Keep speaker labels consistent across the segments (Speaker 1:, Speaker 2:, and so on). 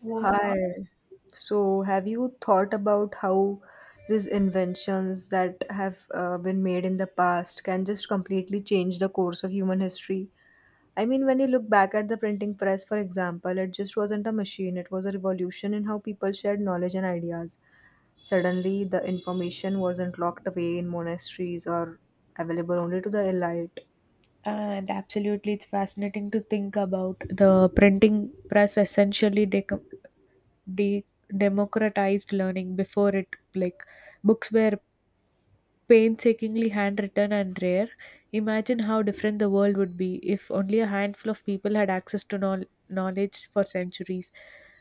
Speaker 1: Wow.
Speaker 2: Hi. So, have you thought about how these inventions that have been made in the past can just completely change the course of human history? I mean, when you look back at the printing press, for example, it just wasn't a machine, it was a revolution in how people shared knowledge and ideas. Suddenly, the information wasn't locked away in monasteries or available only to the elite.
Speaker 1: And absolutely, it's fascinating to think about the printing press essentially de- democratized learning before it. Like books were painstakingly handwritten and rare. Imagine how different the world would be if only a handful of people had access to knowledge for centuries.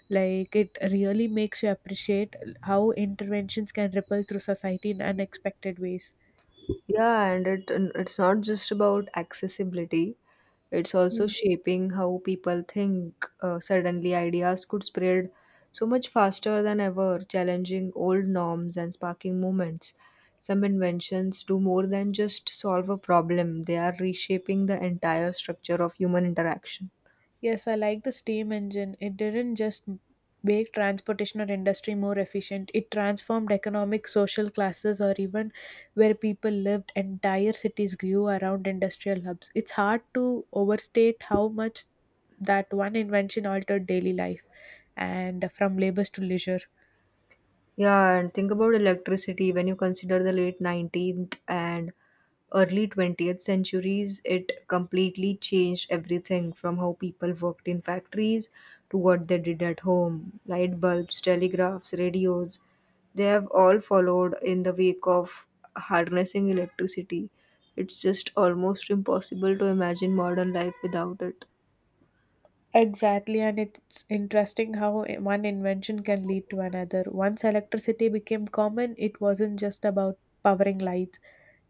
Speaker 1: Like, it really makes you appreciate how interventions can ripple through society in unexpected ways.
Speaker 2: Yeah, and it's not just about accessibility. It's also shaping how people think. Suddenly, ideas could spread so much faster than ever, challenging old norms and sparking movements. Some inventions do more than just solve a problem, they are reshaping the entire structure of human interaction.
Speaker 1: Yes, I like the steam engine. It didn't just make transportation or industry more efficient, it transformed economic, social classes, or even where people lived. Entire cities grew around industrial hubs. It's hard to overstate how much that one invention altered daily life and from labors to leisure.
Speaker 2: Yeah, and think about electricity when you consider the late 19th and early 20th centuries, it completely changed everything from how people worked in factories to what they did at home. Light bulbs, telegraphs, radios, they have all followed in the wake of harnessing electricity. It's just almost impossible to imagine modern life without it.
Speaker 1: Exactly, and it's interesting how one invention can lead to another. Once electricity became common, it wasn't just about powering lights.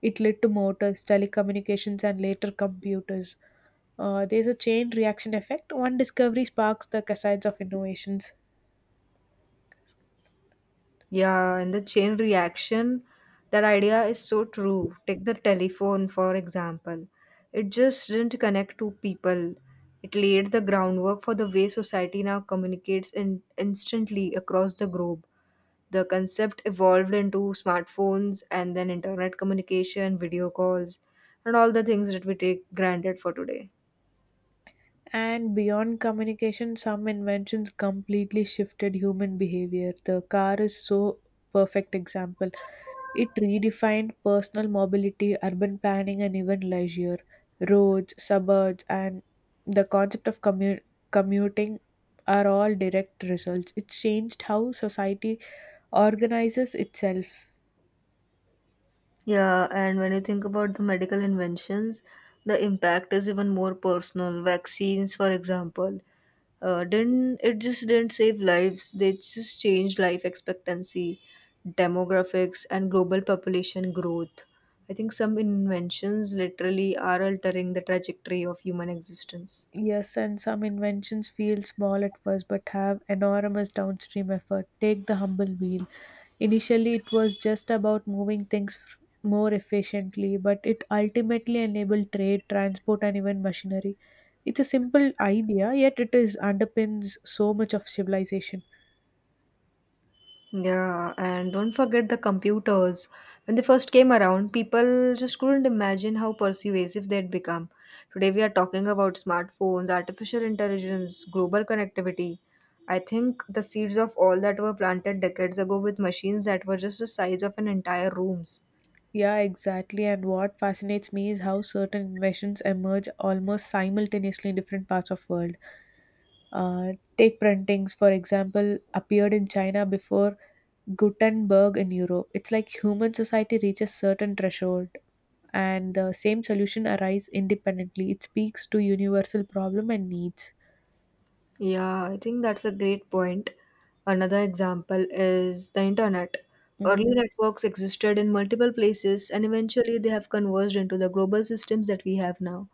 Speaker 1: It led to motors, telecommunications, and later computers. There's a chain reaction effect. One discovery sparks the cascades of innovations.
Speaker 2: Yeah, and the chain reaction, that idea is so true. Take the telephone, for example. It just didn't connect two people. It laid the groundwork for the way society now communicates in instantly across the globe. The concept evolved into smartphones and then internet communication, video calls, and all the things that we take granted for today.
Speaker 1: And beyond communication, some inventions completely shifted human behavior. The car is so perfect example. It redefined personal mobility, urban planning, and even leisure. Roads, suburbs, and the concept of commuting are all direct results. It changed how society organizes itself.
Speaker 2: Yeah, and when you think about the medical inventions, the impact is even more personal. Vaccines, for example. Didn't it just didn't save lives, they just changed life expectancy, demographics and global population growth. I think some inventions literally are altering the trajectory of human existence.
Speaker 1: Yes, and some inventions feel small at first but have enormous downstream effort. Take the humble wheel. Initially, it was just about moving things more efficiently, but it ultimately enabled trade, transport, and even machinery. It's a simple idea, yet it is underpins so much of civilization.
Speaker 2: Yeah, and don't forget the computers. When they first came around, people just couldn't imagine how persuasive they'd become. Today, we are talking about smartphones, artificial intelligence, global connectivity. I think the seeds of all that were planted decades ago with machines that were just the size of an entire rooms.
Speaker 1: Yeah, exactly. And what fascinates me is how certain inventions emerge almost simultaneously in different parts of world. Uh, take printings, for example, appeared in China before Gutenberg in Europe. It's like human society reaches certain threshold and the same solution arise independently. It speaks to universal problem and needs.
Speaker 2: Yeah, I think that's a great point. Another example is the internet. Early
Speaker 1: Mm,
Speaker 2: networks existed in multiple places and eventually they have converged into the global systems that we have now.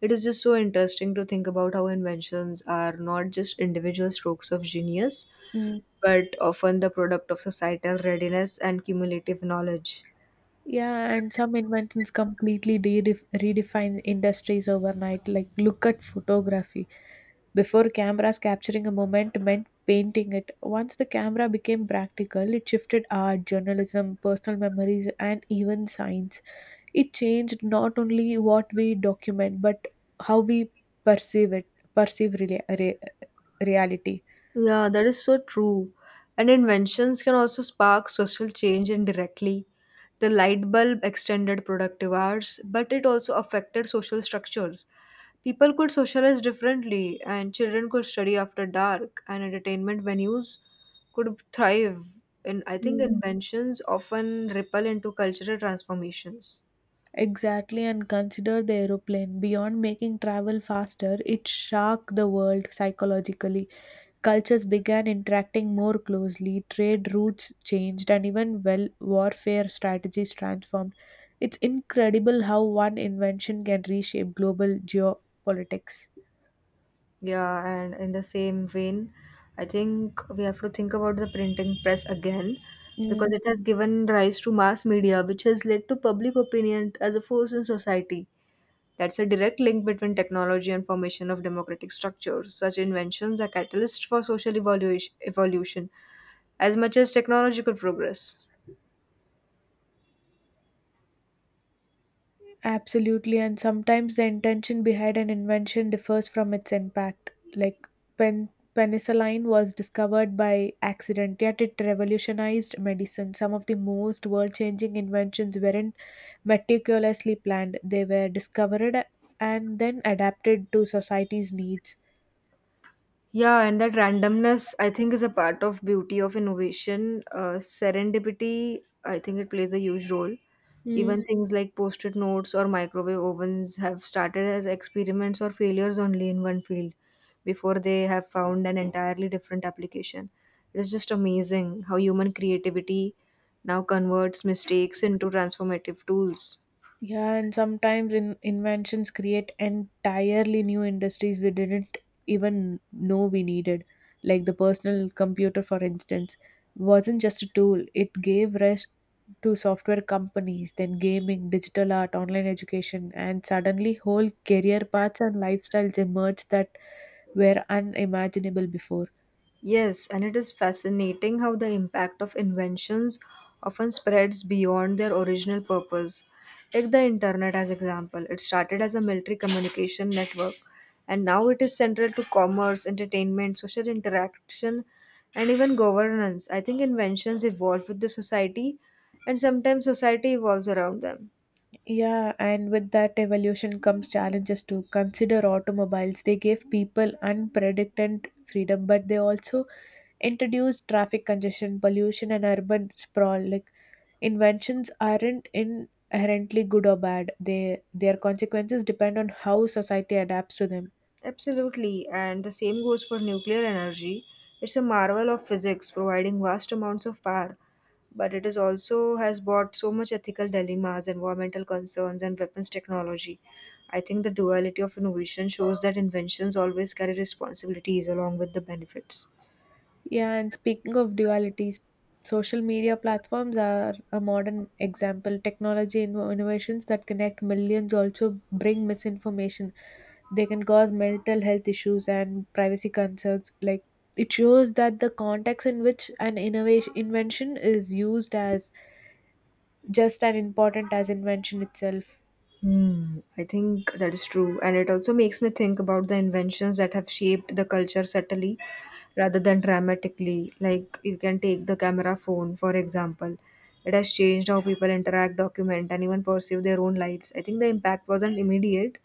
Speaker 2: It is just so interesting to think about how inventions are not just individual strokes of genius,
Speaker 1: mm.
Speaker 2: but often the product of societal readiness and cumulative knowledge.
Speaker 1: Yeah, and some inventions completely redefine industries overnight. Like, look at photography. Before cameras capturing a moment meant painting it. Once the camera became practical, it shifted art, journalism, personal memories, and even science. It changed not only what we document but how we perceive it, perceive rea- re- reality.
Speaker 2: Yeah, that is so true. And inventions can also spark social change indirectly. The light bulb extended productive hours, but it also affected social structures. People could socialize differently, and children could study after dark, and entertainment venues could thrive. And I think
Speaker 1: Mm.
Speaker 2: inventions often ripple into cultural transformations.
Speaker 1: Exactly, and consider the aeroplane. Beyond making travel faster, it shocked the world psychologically. Cultures began interacting more closely, trade routes changed, and even, well, warfare strategies transformed. It's incredible how one invention can reshape global geopolitics.
Speaker 2: Yeah, and in the same vein, I think we have to think about the printing press again because it has given rise to mass media, which has led to public opinion as a force in society. That's a direct link between technology and formation of democratic structures. Such inventions are catalysts for social evolution, evolution as much as technological progress.
Speaker 1: Absolutely, and sometimes the intention behind an invention differs from its impact. Like, pen- penicillin was discovered by accident, yet it revolutionized medicine. Some of the most world changing inventions weren't meticulously planned, they were discovered and then adapted to society's needs.
Speaker 2: Yeah, and that randomness, I think, is a part of beauty of innovation. Serendipity, I think, it plays a huge role. Even things like post-it notes or microwave ovens have started as experiments or failures only in one field before they have found an entirely different application. It is just amazing how human creativity now converts mistakes into transformative tools.
Speaker 1: Yeah, and sometimes in inventions create entirely new industries we didn't even know we needed. Like the personal computer, for instance, wasn't just a tool, it gave rest to software companies, then gaming, digital art, online education, and suddenly whole career paths and lifestyles emerged that were unimaginable before.
Speaker 2: Yes, and it is fascinating how the impact of inventions often spreads beyond their original purpose. Take the internet as example. It started as a military communication network and now it is central to commerce, entertainment, social interaction and even governance. I think inventions evolve with the society and sometimes society evolves around them.
Speaker 1: Yeah, and with that evolution comes challenges to consider automobiles. They gave people unprecedented freedom, but they also introduced traffic congestion, pollution, and urban sprawl. Like, inventions aren't inherently good or bad; they their consequences depend on how society adapts to them.
Speaker 2: Absolutely, and the same goes for nuclear energy. It's a marvel of physics, providing vast amounts of power, but it is also has brought so much ethical dilemmas, environmental concerns, and weapons technology. I think the duality of innovation shows that inventions always carry responsibilities along with the benefits.
Speaker 1: Yeah, and speaking of dualities, social media platforms are a modern example. Technology innovations that connect millions also bring misinformation. They can cause mental health issues and privacy concerns. Like, it shows that the context in which an innovation invention is used as just as important as invention itself.
Speaker 2: Hmm, I think that is true. And it also makes me think about the inventions that have shaped the culture subtly rather than dramatically. Like, you can take the camera phone, for example. It has changed how people interact, document, and even pursue their own lives. I think the impact wasn't immediate,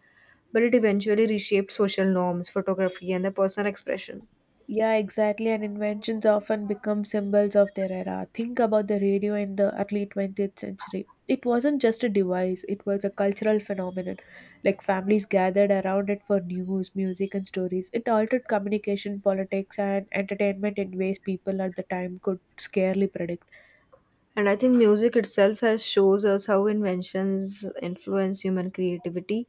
Speaker 2: but it eventually reshaped social norms, photography, and the personal expression.
Speaker 1: Yeah, exactly. And inventions often become symbols of their era. Think about the radio in the early 20th century. It wasn't just a device, it was a cultural phenomenon. Like, families gathered around it for news, music, and stories. It altered communication, politics, and entertainment in ways people at the time could scarcely predict.
Speaker 2: And I think music itself has shows us how inventions influence human creativity.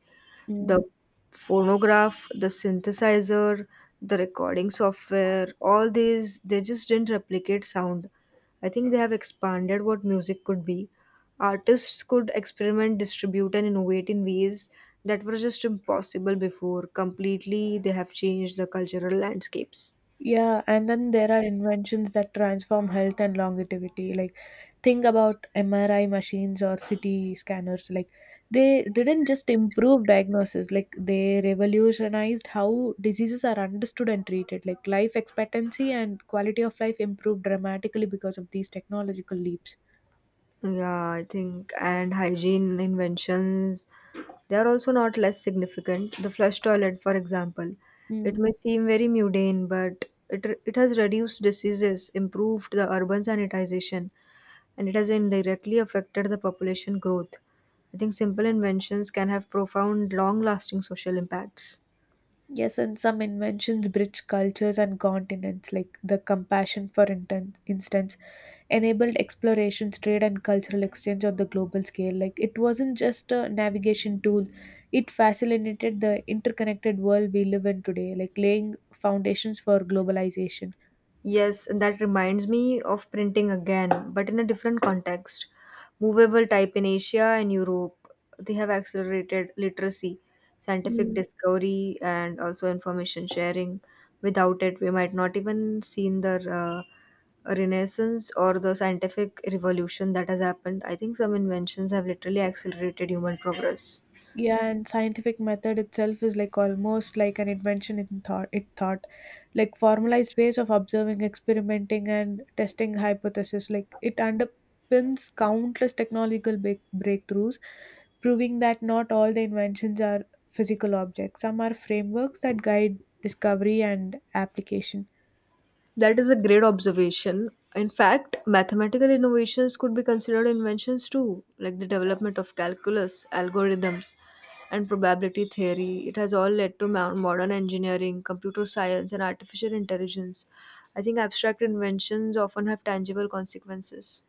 Speaker 2: The
Speaker 1: Mm.
Speaker 2: phonograph, the synthesizer, the recording software, all these, they just didn't replicate sound. I think they have expanded what music could be. Artists could experiment, distribute, and innovate in ways that were just impossible before. Completely, they have changed the cultural landscapes.
Speaker 1: Yeah, and then there are inventions that transform health and longevity. Like, thing about MRI machines or CT scanners. Like, they didn't just improve diagnosis, like they revolutionized how diseases are understood and treated. Like, life expectancy and quality of life improved dramatically because of these technological leaps.
Speaker 2: Yeah, I think and hygiene inventions, they are also not less significant. The flush toilet, for example, it
Speaker 1: Mm.
Speaker 2: may seem very mundane, but it has reduced diseases, improved the urban sanitization, and it has indirectly affected the population growth. I think simple inventions can have profound, long-lasting social impacts.
Speaker 1: Yes, and some inventions bridge cultures and continents, like the compassion, for instance enabled explorations, trade, and cultural exchange on the global scale. Like, it wasn't just a navigation tool, it facilitated the interconnected world we live in today, like laying foundations for globalization.
Speaker 2: Yes, that reminds me of printing again, but in a different context. Movable type in Asia and Europe, they have accelerated literacy, scientific discovery, and also information sharing. Without it, we might not even seen the renaissance or the scientific revolution that has happened. I think some inventions have literally accelerated human progress.
Speaker 1: Yeah, and scientific method itself is like almost like an invention in thought, it thought, like formalized ways of observing, experimenting, and testing hypotheses. Like, it underpins countless technological breakthroughs, proving that not all the inventions are physical objects. Some are frameworks that guide discovery and application.
Speaker 2: That is a great observation. In fact, mathematical innovations could be considered inventions too, like the development of calculus, algorithms, and probability theory. It has all led to modern engineering, computer science, and artificial intelligence. I think abstract inventions often have tangible consequences.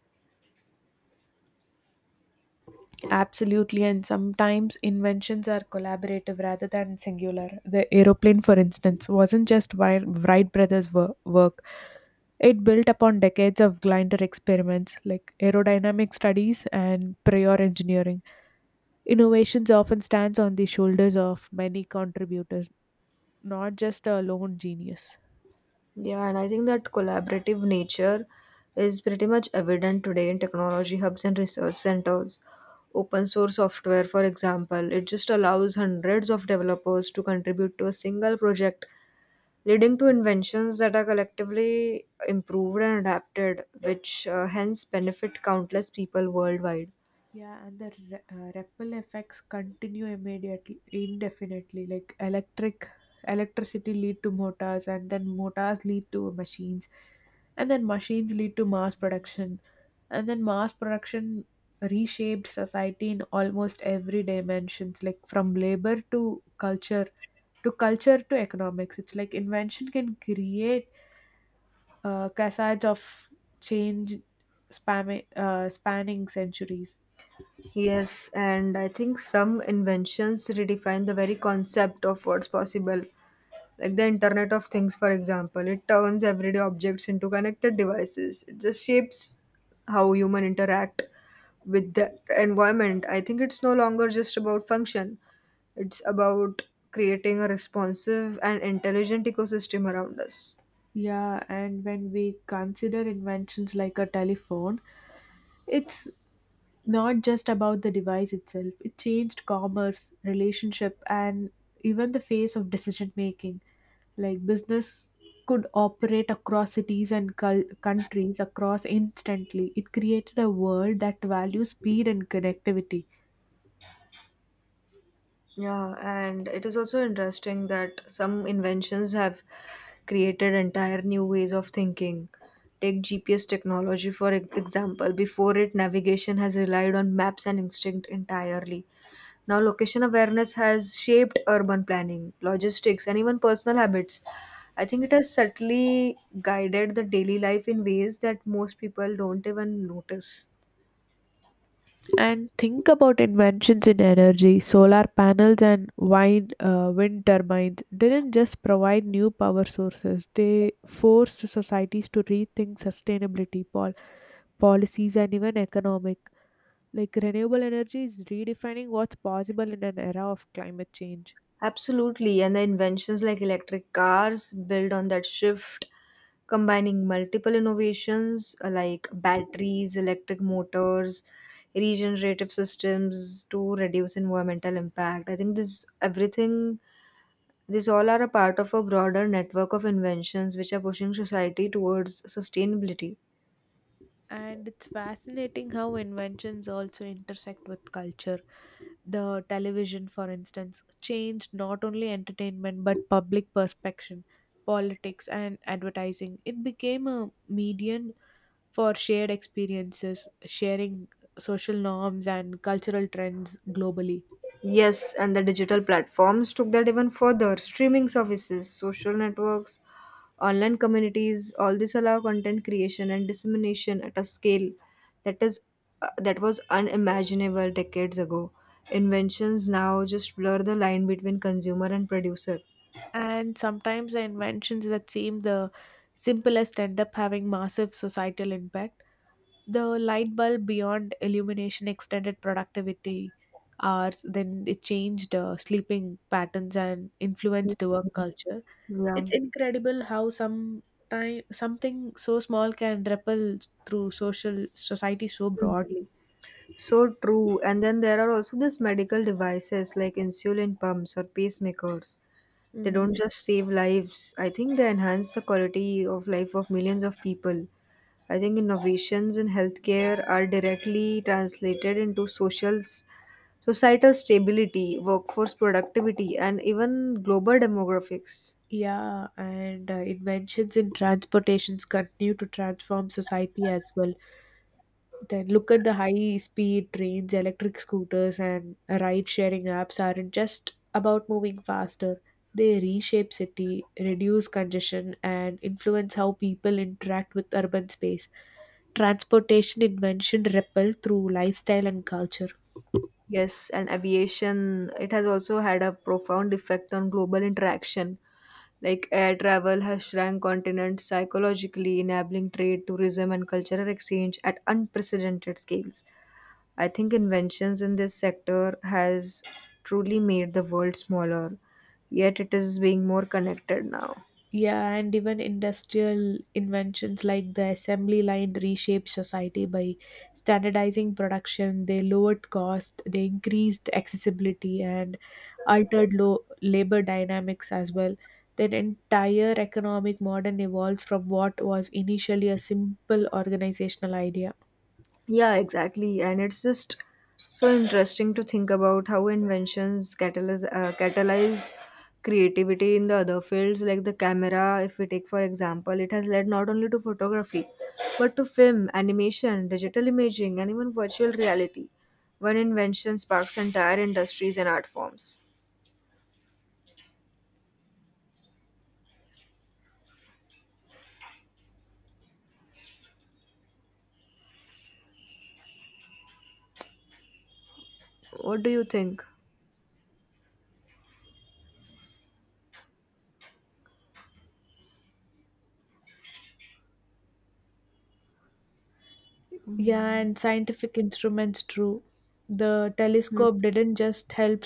Speaker 1: Absolutely, and sometimes inventions are collaborative rather than singular. The aeroplane, for instance, wasn't just Wright brothers' work, it built upon decades of glider experiments like aerodynamic studies and prior engineering. Innovations often stands on the shoulders of many contributors, not just a lone genius.
Speaker 2: Yeah, and I think that collaborative nature is pretty much evident today in technology hubs and research centers. Open source software, for example, it just allows hundreds of developers to contribute to a single project, leading to inventions that are collectively improved and adapted, which hence benefit countless people worldwide.
Speaker 1: Yeah, and the ripple effects continue immediately, indefinitely. Like electricity lead to motors, and then motors lead to machines, and then machines lead to mass production, and then mass production reshaped society in almost every dimensions, like from labor to culture, to culture to economics. It's like invention can create cascades of change, spanning centuries.
Speaker 2: Yes, and I think some inventions redefine the very concept of what's possible. Like the Internet of Things, for example, it turns everyday objects into connected devices. It just shapes how human interact with the environment. I think it's no longer just about function. It's about creating a responsive and intelligent ecosystem around us.
Speaker 1: Yeah, and when we consider inventions like a telephone, it's not just about the device itself. It changed commerce, relationship, and even the face of decision making. Like, business could operate across cities and countries across instantly. It created a world that values speed and connectivity.
Speaker 2: Yeah, and it is also interesting that some inventions have created entire new ways of thinking. Take GPS technology, for example. Before it, navigation has relied on maps and instinct entirely. Now, location awareness has shaped urban planning, logistics, and even personal habits. I think it has subtly guided the daily life in ways that most people don't even notice.
Speaker 1: And think about inventions in energy. Solar panels and wind turbines didn't just provide new power sources, they forced societies to rethink sustainability policies and even economic. Like, renewable energy is redefining what's possible in an era of climate change.
Speaker 2: Absolutely, and the inventions like electric cars build on that shift, combining multiple innovations like batteries, electric motors, regenerative systems to reduce environmental impact. I think this everything, these all are a part of a broader network of inventions which are pushing society towards sustainability.
Speaker 1: And it's fascinating how inventions also intersect with culture. The television, for instance, changed not only entertainment but public perception, politics, and advertising. It became a medium for shared experiences, sharing social norms and cultural trends globally.
Speaker 2: Yes, and the digital platforms took that even further. Streaming services, social networks, online communities, all this allow content creation and dissemination at a scale that is, that was unimaginable decades ago. Inventions now just blur the line between consumer and producer.
Speaker 1: And sometimes the inventions that seem the simplest end up having massive societal impact. The light bulb, beyond illumination, extended productivity hours. Then it changed sleeping patterns and influenced the work
Speaker 2: Mhm.
Speaker 1: culture.
Speaker 2: Yeah.
Speaker 1: It's incredible how some time something so small can ripple through social society so broadly.
Speaker 2: So true. And then there are also these medical devices like insulin pumps or pacemakers. They
Speaker 1: Mm.
Speaker 2: don't just save lives. I think they enhance the quality of life of millions of people. I think innovations in healthcare are directly translated into social societal stability, workforce productivity, and even global demographics.
Speaker 1: Yeah, and inventions in transportations continue to transform society as well. Then look at the high speed trains, electric scooters, and ride sharing apps aren't just about moving faster. They reshape city, reduce congestion, and influence how people interact with urban space. Transportation invention ripple through lifestyle and culture.
Speaker 2: Yes, and aviation, it has also had a profound effect on global interaction. Like air travel has shrunk continents psychologically, enabling trade, tourism, and cultural exchange at unprecedented scales. I think inventions in this sector has truly made the world smaller, yet it is being more connected now.
Speaker 1: Yeah, and even industrial inventions like the assembly line reshaped society by standardizing production. They lowered cost, they increased accessibility, and altered low labor dynamics as well. Then entire economic model evolves from what was initially a simple organizational idea.
Speaker 2: Yeah, exactly. And it's just so interesting to think about how inventions catalyze creativity in the other fields, like the camera. If we take, for example, it has led not only to photography, but to film, animation, digital imaging, and even virtual reality. One invention sparks entire industries and art forms. What do you think?
Speaker 1: Yeah, and scientific instruments true, the
Speaker 2: Hmm.
Speaker 1: telescope didn't just help